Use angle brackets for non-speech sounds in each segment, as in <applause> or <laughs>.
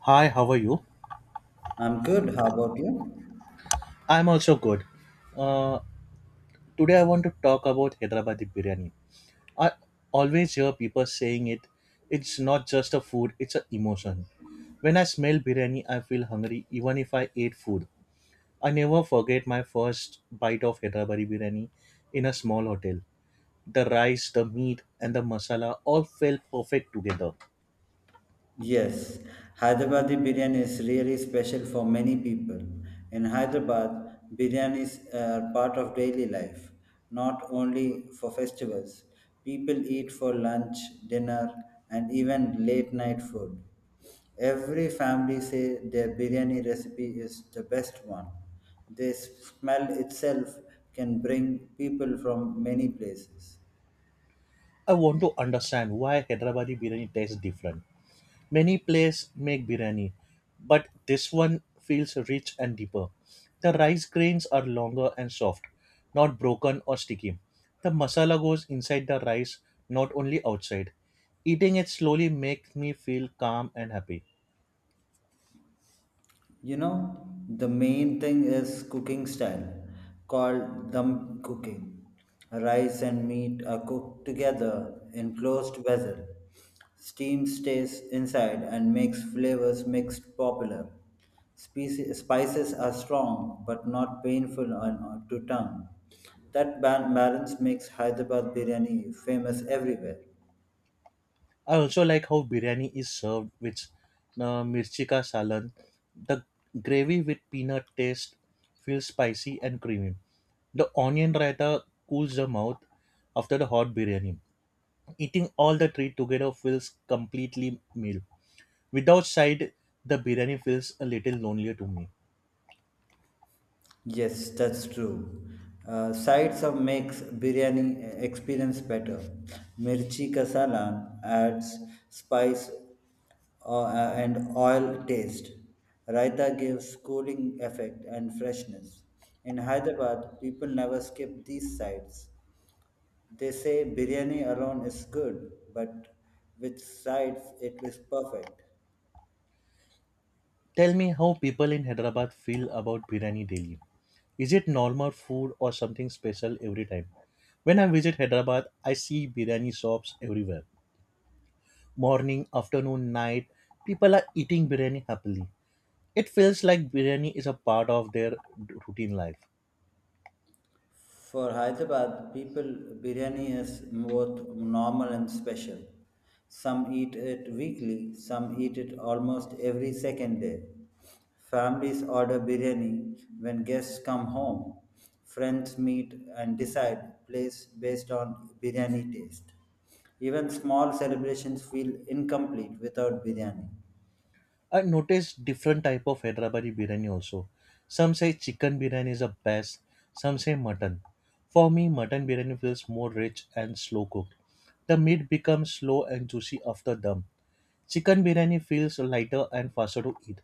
Hi, how are you? I'm good. How about you? I'm also good. Uh, Today I want to talk about Hyderabadi biryani. I always hear people saying it. It's not just a food; it's an emotion. When I smell biryani, I feel hungry, even if I ate food. I never forget my first bite of Hyderabadi biryani in a small hotel. The rice, the meat, and the masala all felt perfect together. Yes, Hyderabadi biryani is really special for many people. In Hyderabad, biryani is part of daily life, not only for festivals. People eat for lunch, dinner, and even late night food. Every family say their biryani recipe is the best one. The smell itself can bring people from many places. I want to understand why Hyderabadi biryani tastes different. Many places make biryani, but this one feels rich and deeper. The rice grains are longer and soft, not broken or sticky. The masala goes inside the rice, not only outside. Eating it slowly makes me feel calm and happy. You know, the main thing is cooking style called dum cooking. Rice and meat are cooked together in closed vessel. Steam stays inside and makes flavors mixed popular. Spices are strong but not painful on, to tongue. That balance makes Hyderabad biryani famous everywhere. I also like how biryani is served with mirchi ka salan. The gravy with peanut taste feels spicy and creamy. The onion raita cools the mouth after the hot biryani. Eating all the three together feels completely meal. Without side, the biryani feels a little lonelier to me. Yes, that's true. Sides of makes biryani experience better. Mirchi ka salan adds spice uh, and oil taste. Raita gives cooling effect and freshness. In Hyderabad, people never skip these sides. They say biryani alone is good, but with sides it is perfect. Tell me how people in Hyderabad feel about biryani daily. Is it normal food or something special every time? When I visit Hyderabad, I see biryani shops everywhere. Morning, afternoon, night, people are eating biryani happily. It feels like biryani is a part of their routine life. For Hyderabad, people biryani is both normal and special. Some eat it weekly, some eat it almost every second day. Families order biryani when guests come home. Friends meet and decide place based on biryani taste. Even small celebrations feel incomplete without biryani. I noticed different type of Hyderabadi biryani also. Some say chicken biryani is the best, some say mutton. For me, mutton biryani feels more rich and slow cooked. The meat becomes slow and juicy after dum. Chicken biryani feels lighter and faster to eat.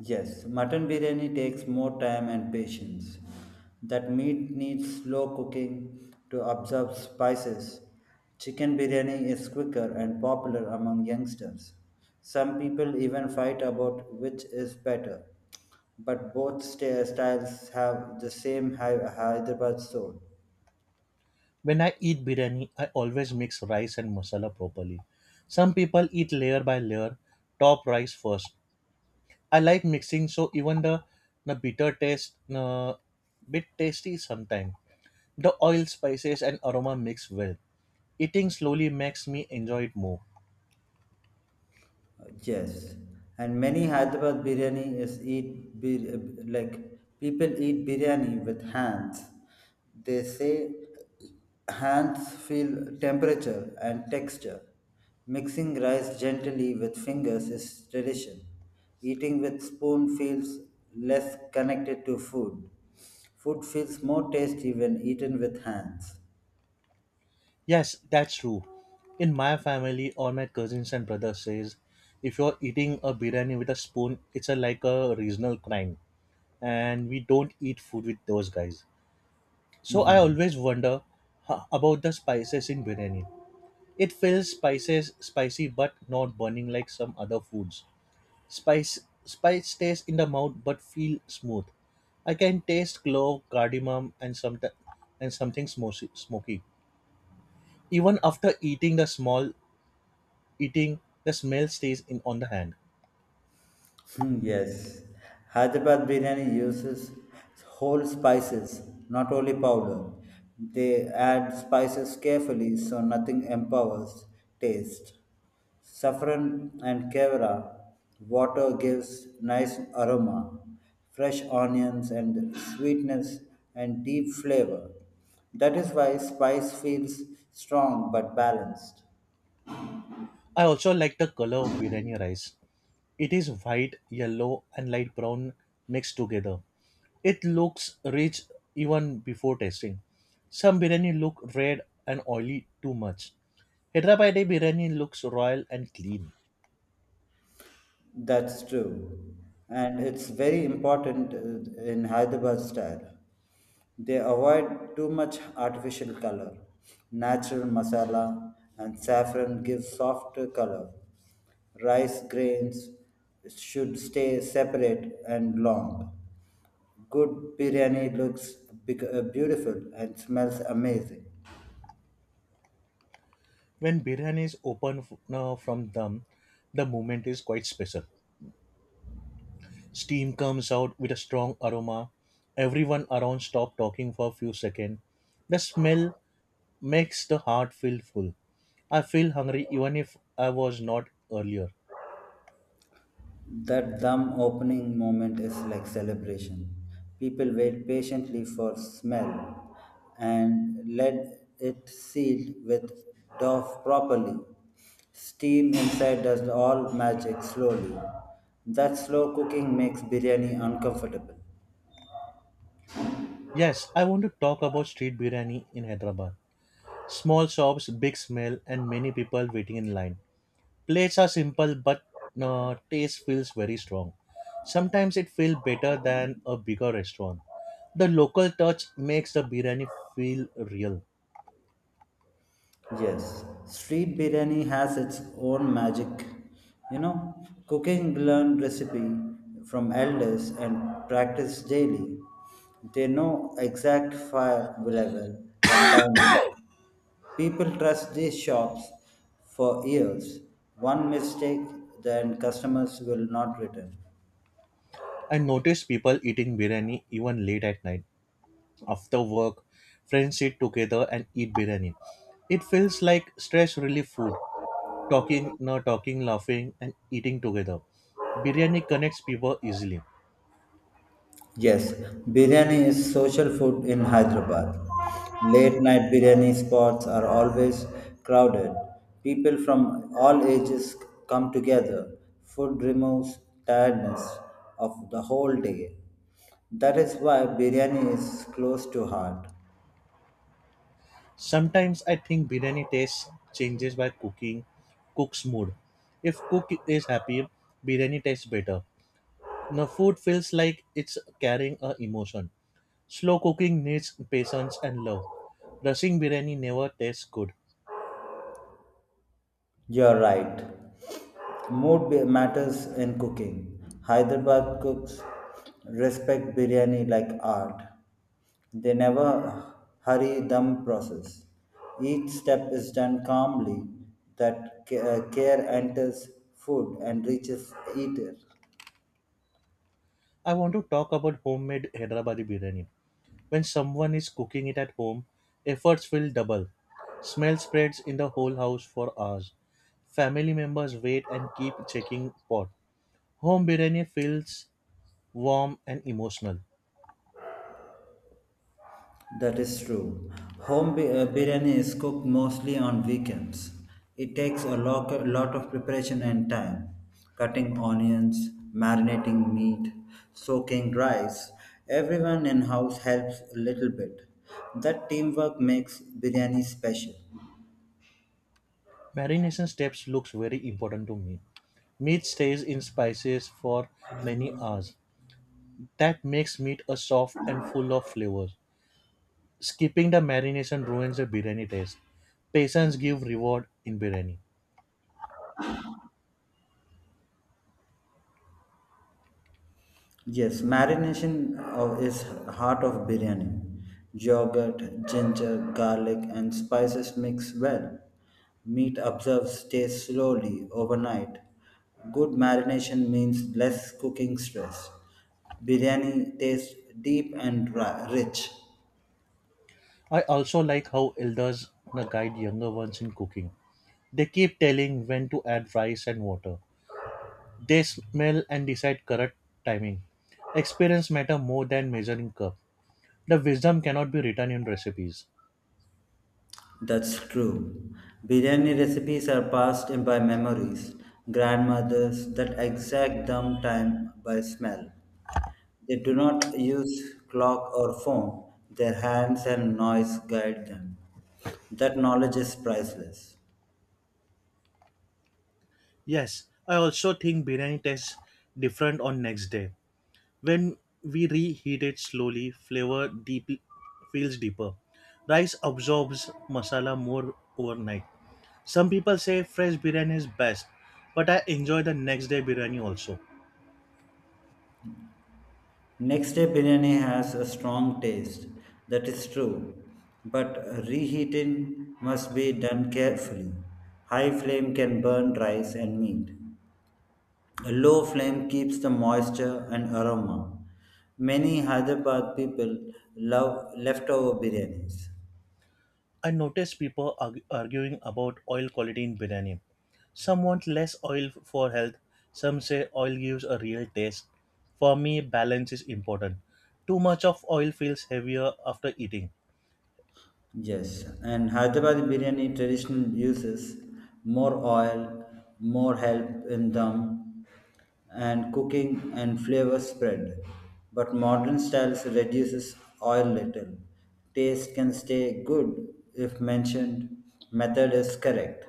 Yes, mutton biryani takes more time and patience. That meat needs slow cooking to absorb spices. Chicken biryani is quicker and popular among youngsters. Some people even fight about which is better. But both styles have the same Hyderabad soul. When I eat biryani, I always mix rice and masala properly. Some people eat layer by layer, top rice first. I like mixing so even the bitter taste, bit tasty sometimes. The oil, spices, and aroma mix well. Eating slowly makes me enjoy it more. Yes, and many Hyderabad biryani is eat like people eat biryani with hands. They say hands feel temperature and texture. Mixing rice gently with fingers is tradition. Eating with spoon feels less connected to food. Food feels more tasty when eaten with hands. Yes, that's true. In my family, all my cousins and brothers says, if you're eating a biryani with a spoon, it's a, like a regional crime, and we don't eat food with those guys. So I <laughs> always wonder about the spices in biryani. It feels spices spicy but not burning like some other foods. Spice spice stays in the mouth but feel smooth. I can taste clove, cardamom, and some and something smoky. Even after eating the small eating, the smell stays in on the hand. Hmm, yes, Hyderabad biryani uses whole spices, not only powder. They add spices carefully so nothing empowers taste. Saffron and kevra water gives nice aroma, fresh onions and sweetness and deep flavor. That is why spice feels strong but balanced. I also like the color of biryani rice. It is white, yellow, and light brown mixed together. It looks rich even before tasting. Some biryani look red and oily too much. Hyderabadi biryani looks royal and clean. That's true. And it's very important in Hyderabad style. They avoid too much artificial color. Natural masala and saffron give softer color. Rice grains should stay separate and long. Good biryani looks beautiful and smells amazing. When biryani is opened from them, the moment is quite special. Steam comes out with a strong aroma. Everyone around stop talking for a few seconds. The smell makes the heart feel full. I feel hungry even if I was not earlier. That dumb opening moment is like celebration. People wait patiently for smell and let it seal with dough properly. Steam inside does all magic slowly. That slow cooking makes biryani uncomfortable. Yes, I want to talk about street biryani in Hyderabad. Small shops, big smell, and many people waiting in line. Plates are simple, but taste feels very strong. Sometimes it feels better than a bigger restaurant. The local touch makes the biryani feel real. Yes, street biryani has its own magic. You know, cooking learn recipe from elders and practice daily. They know exact fire level and timing. People trust these shops for years. One mistake, then customers will not return. I notice people eating biryani even late at night. After work, friends sit together and eat biryani. It feels like stress relief food. Talking, not talking, laughing, and eating together. Biryani connects people easily. Yes, biryani is social food in Hyderabad. Late night biryani spots are always crowded. People from all ages come together. Food removes tiredness of the whole day. That is why biryani is close to heart. Sometimes I think biryani taste changes by cooking, cook's mood. If cook is happy, biryani tastes better. The food feels like it's carrying a emotion. Slow cooking needs patience and love. Rushing biryani never tastes good. You're right. Mood matters in cooking. Hyderabad cooks respect biryani like art. They never hurry them process. Each step is done calmly that care enters food and reaches eater. I want to talk about homemade Hyderabadi biryani. When someone is cooking it at home, efforts feel double. Smell spreads in the whole house for hours. Family members wait and keep checking pot. Home biryani feels warm and emotional. That is true. Home biryani is cooked mostly on weekends. It takes a lot of preparation and time. Cutting onions, marinating meat, soaking rice. Everyone in house helps a little bit. That teamwork makes biryani special. Marination steps looks very important to me. Meat stays in spices for many hours. That makes meat a soft and full of flavors. Skipping the marination ruins the biryani taste. Patience give reward in biryani. Yes, marination of is heart of biryani. Yogurt, ginger, garlic, and spices mix well. Meat observes taste slowly overnight. Good marination means less cooking stress. Biryani tastes deep and rich. I also like how elders guide younger ones in cooking. They keep telling when to add rice and water. They smell and decide correct timing. Experience matter more than measuring cup. The wisdom cannot be written in recipes. That's true. Biryani recipes are passed in by memories, grandmothers that exact dumb time by smell. They do not use clock or phone, their hands and noise guide them. That knowledge is priceless. Yes, I also think biryani tastes different on next day. When we reheat it slowly, flavor deep feels deeper. Rice absorbs masala more overnight. Some people say fresh biryani is best, but I enjoy the next day biryani also. Next day biryani has a strong taste, that is true, but reheating must be done carefully. High flame can burn rice and meat. A low flame keeps the moisture and aroma. Many Hyderabad people love leftover biryanis. I notice people arguing about oil quality in biryani. Some want less oil for health. Some say oil gives a real taste. For me, balance is important. Too much of oil feels heavier after eating. Yes, and Hyderabad biryani tradition uses more oil, more help in dum and cooking and flavor spread. But modern styles reduces oil little. Taste can stay good if mentioned method is correct.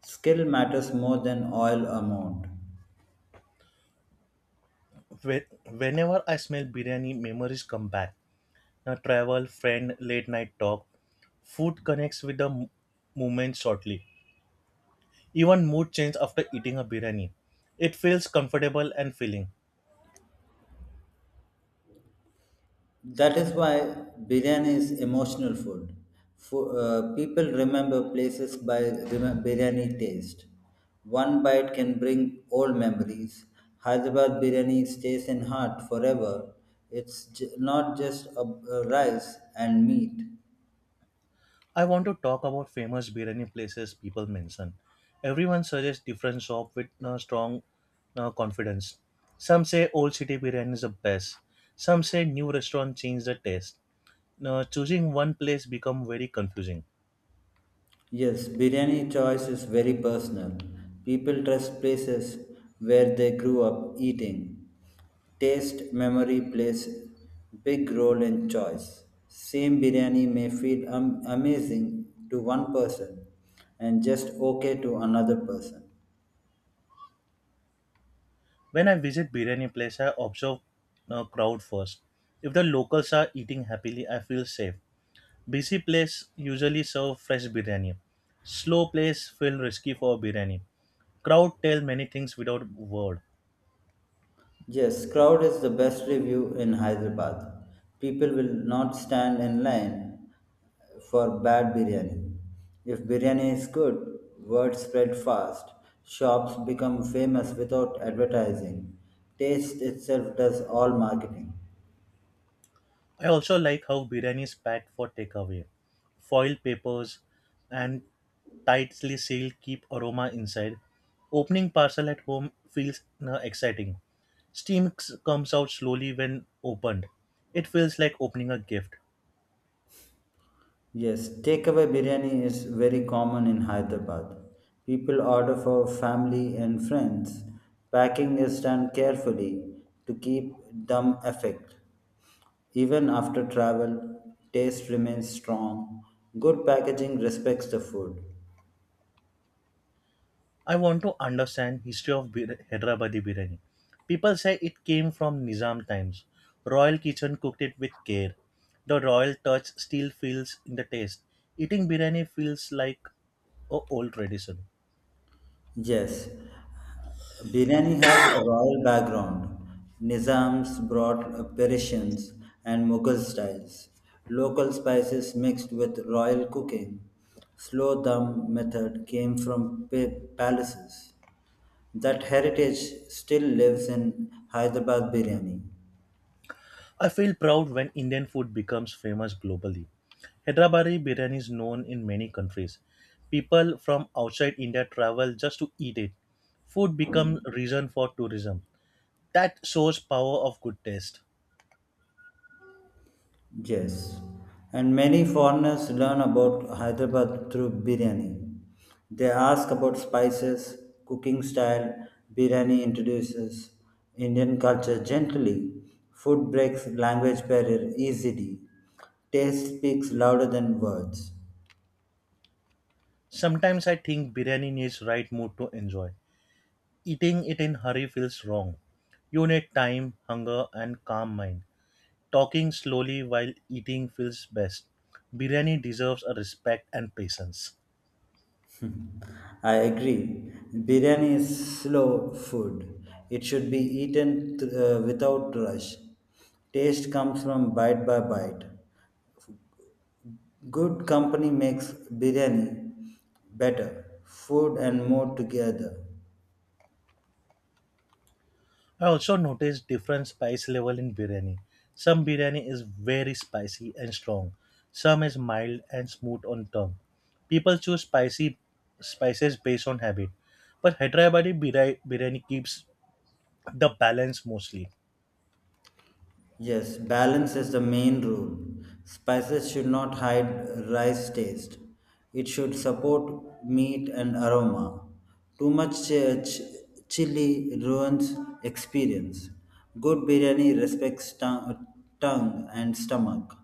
Skill matters more than oil amount. Whe- Whenever I smell biryani, memories come back. Now, travel, friend, late night talk. Food connects with the moment shortly. Even mood change after eating a biryani. It feels comfortable and filling. That is why biryani is emotional food. For, people remember places by biryani taste. One bite can bring old memories. Hyderabad biryani stays in heart forever. It's not just a rice and meat. I want to talk about famous biryani places people mention. Everyone suggests different shop with strong confidence. Some say old city biryani is the best. Some say new restaurant changed the taste. Now, choosing one place become very confusing. Yes, biryani choice is very personal. People trust places where they grew up eating. Taste memory plays big role in choice. Same biryani may feel amazing to one person and just okay to another person. When I visit biryani place, I observe a crowd first. If the locals are eating happily, I feel safe. Busy place usually serve fresh biryani. Slow place feel risky for biryani. Crowd tell many things without word. Yes, crowd is the best review in Hyderabad. People will not stand in line for bad biryani. If biryani is good, word spread fast. Shops become famous without advertising. Taste itself does all marketing. I also like how biryani is packed for takeaway. Foil papers and tightly sealed keep aroma inside. Opening parcel at home feels exciting. Steam comes out slowly when opened. It feels like opening a gift. Yes, takeaway biryani is very common in Hyderabad. People order for family and friends. Packing is done carefully to keep dumb effect. Even after travel, taste remains strong. Good packaging respects the food. I want to understand history of Hyderabadi biryani. People say it came from Nizam times. Royal kitchen cooked it with care. The royal touch still feels in the taste. Eating biryani feels like a old tradition. Yes, biryani has a royal background. Nizams brought Persians and Mughal styles. Local spices mixed with royal cooking. Slow dum method came from palaces. That heritage still lives in Hyderabad biryani. I feel proud when Indian food becomes famous globally. Hyderabadi biryani is known in many countries. People from outside India travel just to eat it. Food becomes reason for tourism. That shows power of good taste. Yes, and many foreigners learn about Hyderabad through biryani. They ask about spices, cooking style. Biryani introduces Indian culture gently. Food breaks language barrier easily. Taste speaks louder than words. Sometimes I think biryani needs right mood to enjoy. Eating it in hurry feels wrong. You need time, hunger and calm mind. Talking slowly while eating feels best. Biryani deserves a respect and patience. I agree. Biryani is slow food. It should be eaten without rush. Taste comes from bite by bite. Good company makes biryani better, food and more together. I also noticed different spice level in biryani. Some biryani is very spicy and strong. Some is mild and smooth on tongue. People choose spicy spices based on habit. But Hyderabadi biryani keeps the balance mostly. Yes, balance is the main rule. Spices should not hide rice taste. It should support meat and aroma. Too much chili ruins experience. Good biryani respects tongue and stomach.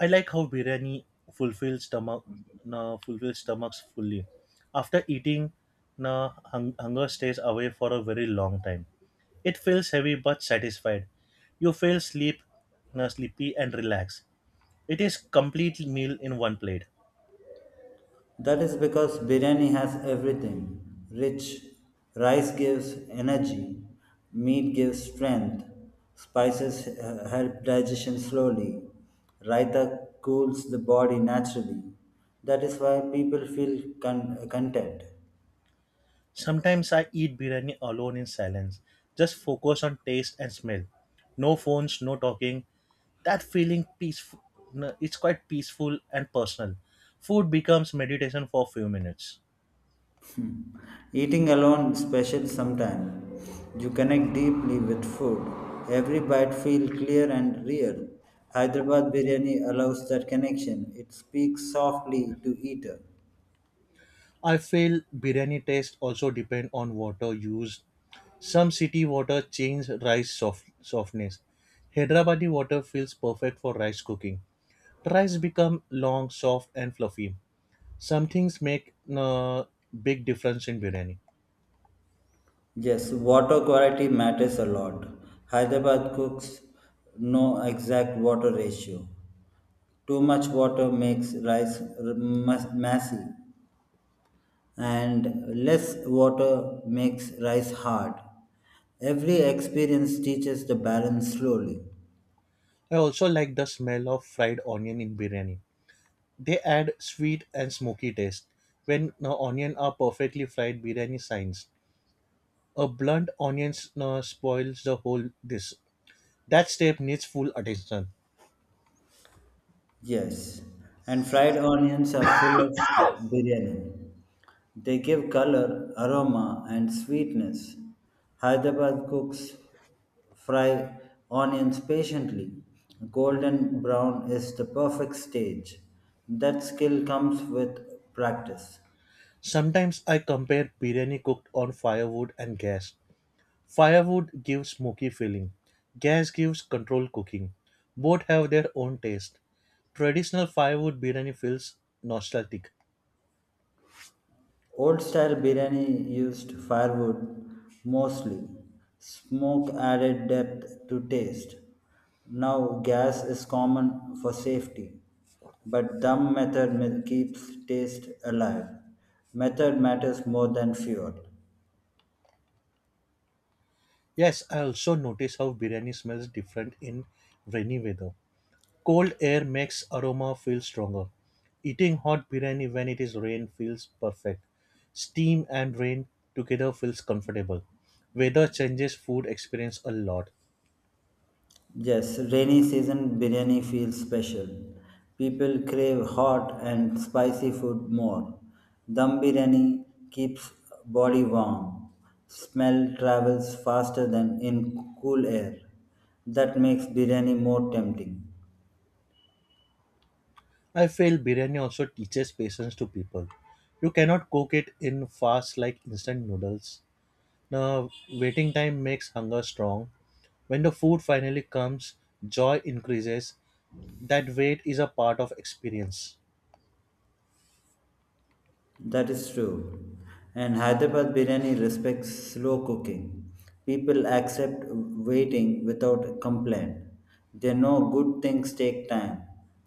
I like how biryani fulfills stomach, na, fulfills stomachs fully. After eating, na, hung, hunger stays away for a very long time. It feels heavy but satisfied. You feel sleep, na, sleepy and relaxed. It is complete meal in one plate. That is because biryani has everything rich. Rice gives energy, meat gives strength, spices help digestion slowly, raita cools the body naturally. That is why people feel content. Sometimes I eat biryani alone in silence, just focus on taste and smell. No phones, no talking. That feeling peaceful, no, it's quite peaceful and personal. Food becomes meditation for few minutes. Eating alone special sometime. You connect deeply with food. Every bite feels clear and real. Hyderabad biryani allows that connection. It speaks softly to eater. I feel biryani taste also depend on water used. Some city water change rice soft, softness. Hyderabadi water feels perfect for rice cooking. Rice become long, soft and fluffy. Some things make a big difference in biryani. Yes, water quality matters a lot. Hyderabad cooks know exact water ratio. Too much water makes rice messy, and less water makes rice hard. Every experience teaches the balance slowly. I also like the smell of fried onion in biryani. They add sweet and smoky taste. When onion are perfectly fried, biryani shines. A blunt onion spoils the whole dish. That step needs full attention. Yes, and fried onions are full of biryani. They give color, aroma, and sweetness. Hyderabad cooks fry onions patiently. Golden brown is the perfect stage. That skill comes with practice. Sometimes I compare biryani cooked on firewood and gas. Firewood gives smoky feeling. Gas gives controlled cooking. Both have their own taste. Traditional firewood biryani feels nostalgic. Old style biryani used firewood mostly. Smoke added depth to taste. Now, gas is common for safety. But dumb method keeps taste alive. Method matters more than fuel. Yes, I also notice how biryani smells different in rainy weather. Cold air makes aroma feel stronger. Eating hot biryani when it is rain feels perfect. Steam and rain together feels comfortable. Weather changes food experience a lot. Yes, rainy season biryani feels special. People crave hot and spicy food more. Dum biryani keeps body warm. Smell travels faster than in cool air. That makes biryani more tempting. I feel biryani also teaches patience to people. You cannot cook it in fast like instant noodles. The waiting time makes hunger strong. When the food finally comes, joy increases That wait is a part of experience. That is true. And Hyderabad biryani respects slow cooking. People accept waiting without complaint. They know good things take time.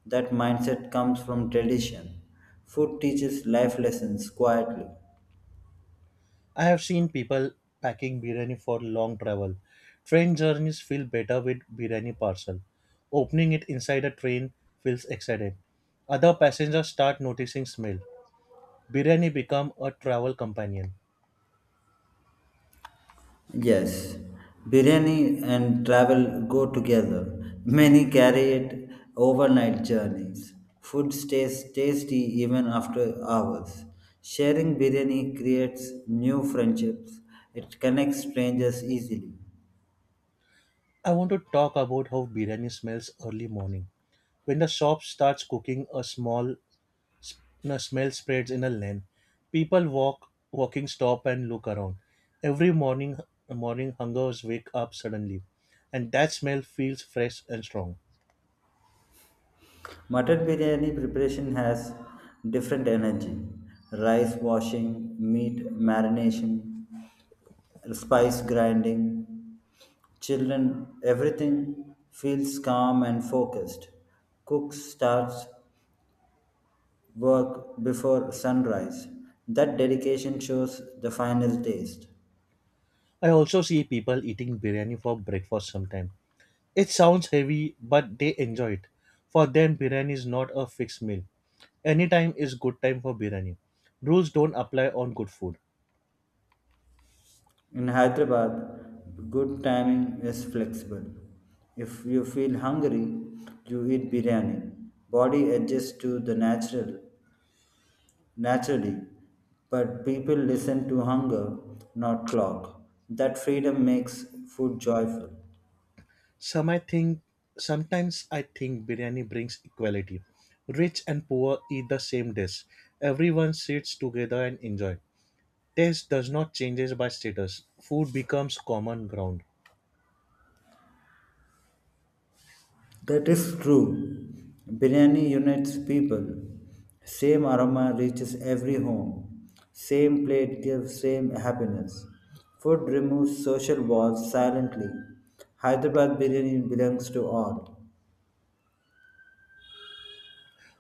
That mindset comes from tradition. Food teaches life lessons quietly. I have seen people packing biryani for long travel. Train journeys feel better with biryani parcel. Opening it inside a train feels exciting. Other passengers start noticing smell. Biryani become a travel companion. Yes, biryani and travel go together. Many carry it overnight journeys. Food stays tasty even after hours. Sharing biryani creates new friendships. It connects strangers easily. I want to talk about how biryani smells early morning. When the shop starts cooking a small The smell spreads in a lane. People walk, walking stop and look around. Every morning, morning hungers wake up suddenly, and that smell feels fresh and strong. Mutton biryani preparation has different energy. Rice washing, meat marination, spice grinding, children, everything feels calm and focused. Cook starts work before sunrise. That dedication shows the final taste. I also see people eating biryani for breakfast sometimes. It sounds heavy, but they enjoy it. For them, biryani is not a fixed meal. Any time is good time for biryani. Rules don't apply on good food. In Hyderabad, good timing is flexible. If you feel hungry, you eat biryani. Body adjusts to the natural naturally, but people listen to hunger, not clock. That freedom makes food joyful. Some I think sometimes I think biryani brings equality. Rich and poor eat the same dish. Everyone sits together and enjoy. Taste does not changes by status. Food becomes common ground. That is true. Biryani unites people. Same aroma reaches every home. Same plate gives same happiness. Food removes social walls silently. Hyderabad biryani belongs to all.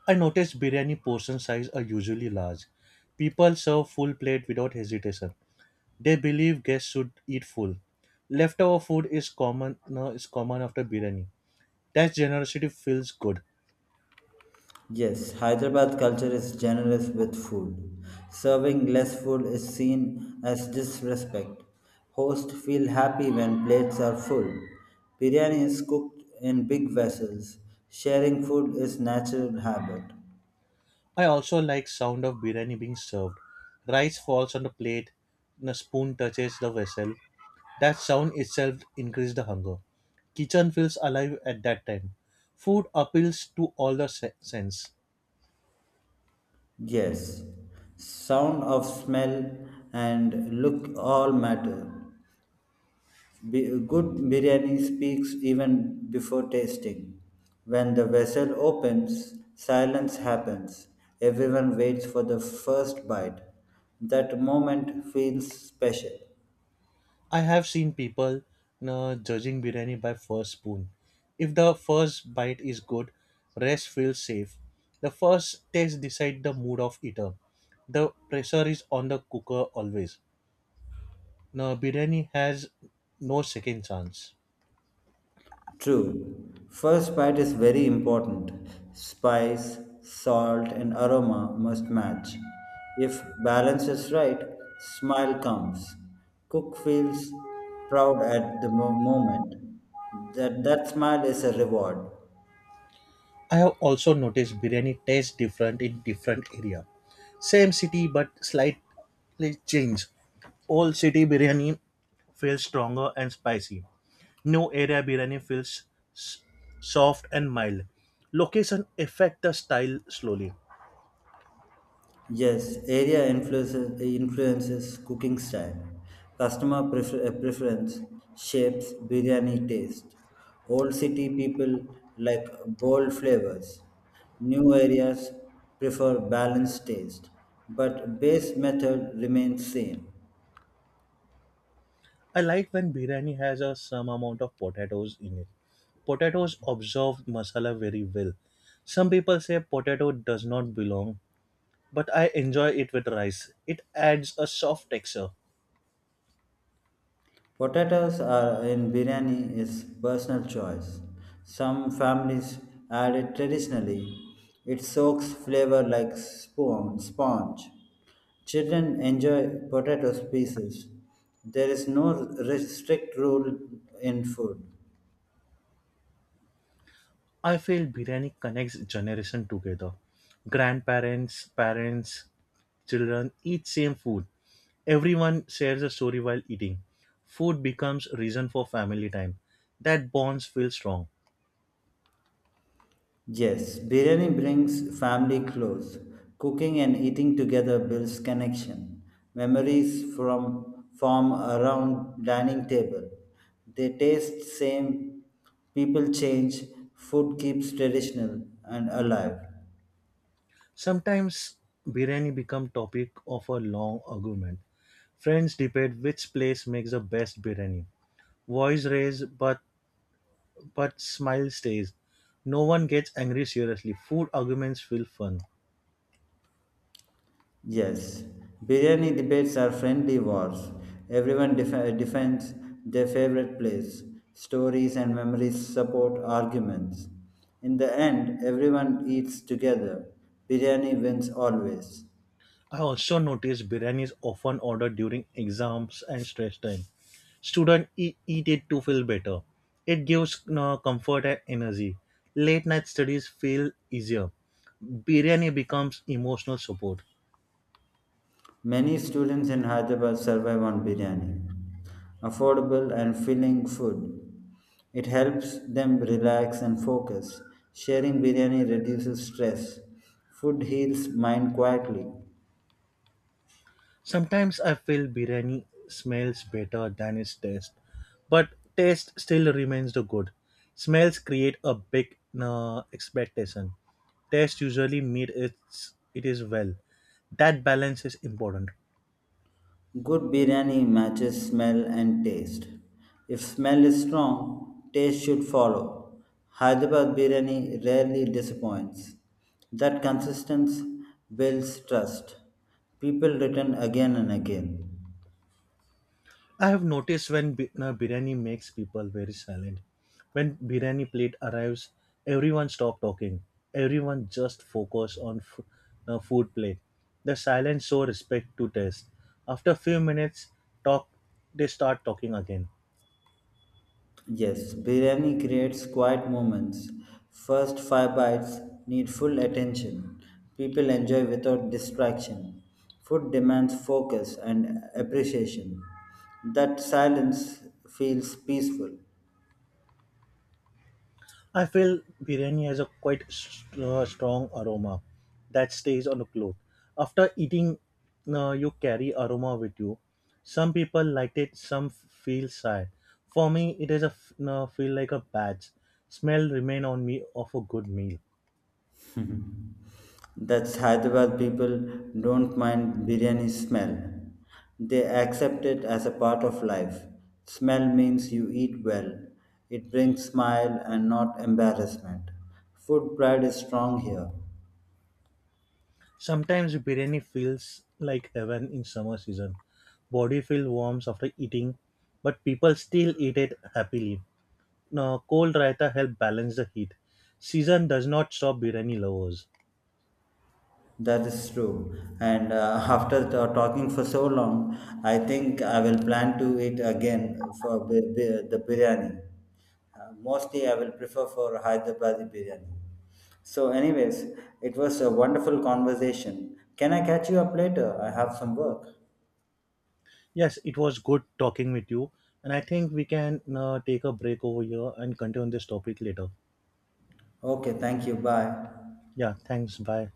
I notice biryani portion size are usually large. People serve full plate without hesitation. They believe guests should eat full. Leftover food is common no, is common after biryani. That generosity feels good. Yes, Hyderabad culture is generous with food. Serving less food is seen as disrespect. Hosts feel happy when plates are full. Biryani is cooked in big vessels. Sharing food is natural habit. I also like sound of biryani being served. Rice falls on the plate and a spoon touches the vessel. That sound itself increases the hunger. Kitchen feels alive at that time. Food appeals to all the sense. Yes, sound of smell and look all matter. Good biryani speaks even before tasting. When the vessel opens, silence happens. Everyone waits for the first bite. That moment feels special. I have seen people judging biryani by first spoon. If the first bite is good, rest feels safe. The first taste decides the mood of eater. The pressure is on the cooker always. Now biryani has no second chance. True, first bite is very important. Spice, salt, and aroma must match. If balance is right, smile comes. Cook feels proud at the moment. That smile is a reward. I have also noticed biryani tastes different in different area. Same city but slightly change. Old city biryani feels stronger and spicy. New area biryani feels s- soft and mild. Location affect the style slowly. Yes, area influences cooking style. Customer preference shapes biryani taste. Old city people like bold flavors. New areas prefer balanced taste, but base method remains same. I like when biryani has a some amount of potatoes in it. Potatoes absorb masala very well. Some people say potato does not belong, but I enjoy it with rice. It adds a soft texture. Potatoes are in biryani is personal choice. Some families add it traditionally. It soaks flavor like spoon, sponge. Children enjoy potato pieces. There is no strict rule in food. I feel biryani connects generation together. Grandparents, parents, children eat same food. Everyone shares a story while eating. Food becomes reason for family time. That bonds feel strong. Yes, biryani brings family close. Cooking and eating together builds connection. Memories from form around dining table. They taste same, people change, food keeps traditional and alive. Sometimes biryani become topic of a long argument. Friends debate which place makes the best biryani. Voice raise but smile stays. No one gets angry seriously. Food arguments feel fun. Yes, biryani debates are friendly wars. Everyone defends their favorite place. Stories and memories support arguments. In the end, everyone eats together. Biryani wins always. I also noticed biryani is often ordered during exams and stress time. Students eat it to feel better. It gives comfort and energy. Late night studies feel easier. Biryani becomes emotional support. Many students in Hyderabad survive on biryani. Affordable and filling food. It helps them relax and focus. Sharing biryani reduces stress. Food heals mind quietly. Sometimes I feel biryani smells better than its taste, but taste still remains the good. Smells create a big expectation. Taste usually meet its it is well. That balance is important. Good biryani matches smell and taste. If smell is strong, taste should follow. Hyderabad biryani rarely disappoints. That consistency builds trust. People return again and again. I have noticed when biryani makes people very silent. When biryani plate arrives, everyone stop talking. Everyone just focus on food plate. The silence show respect to taste. After few minutes, talk they start talking again. Yes, biryani creates quiet moments. First five bites need full attention. People enjoy without distraction. Food demands focus and appreciation. That silence feels peaceful. I feel biryani has a quite strong aroma that stays on the cloth. After eating, you carry aroma with you. Some people like it, some feel sad. For me, it is a feel like a badge. Smell remain on me of a good meal. That's Hyderabad people don't mind biryani smell. They accept it as a part of life. Smell means you eat well. It brings smile and not embarrassment. Food pride is strong here. Sometimes biryani feels like heaven in summer season. Body feel warms after eating, but people still eat it happily. Now, cold raita help balance the heat. Season does not stop biryani lovers. That is true. And <laughs> after talking for so long, I think I will plan to eat again for the biryani. Mostly, I will prefer for Hyderabadi biryani. So, anyways, it was a wonderful conversation. Can I catch you up later? I have some work. Yes, it was good talking with you, and I think we can take a break over here and continue on this topic later. Okay, thank you. Bye. Yeah, thanks. Bye.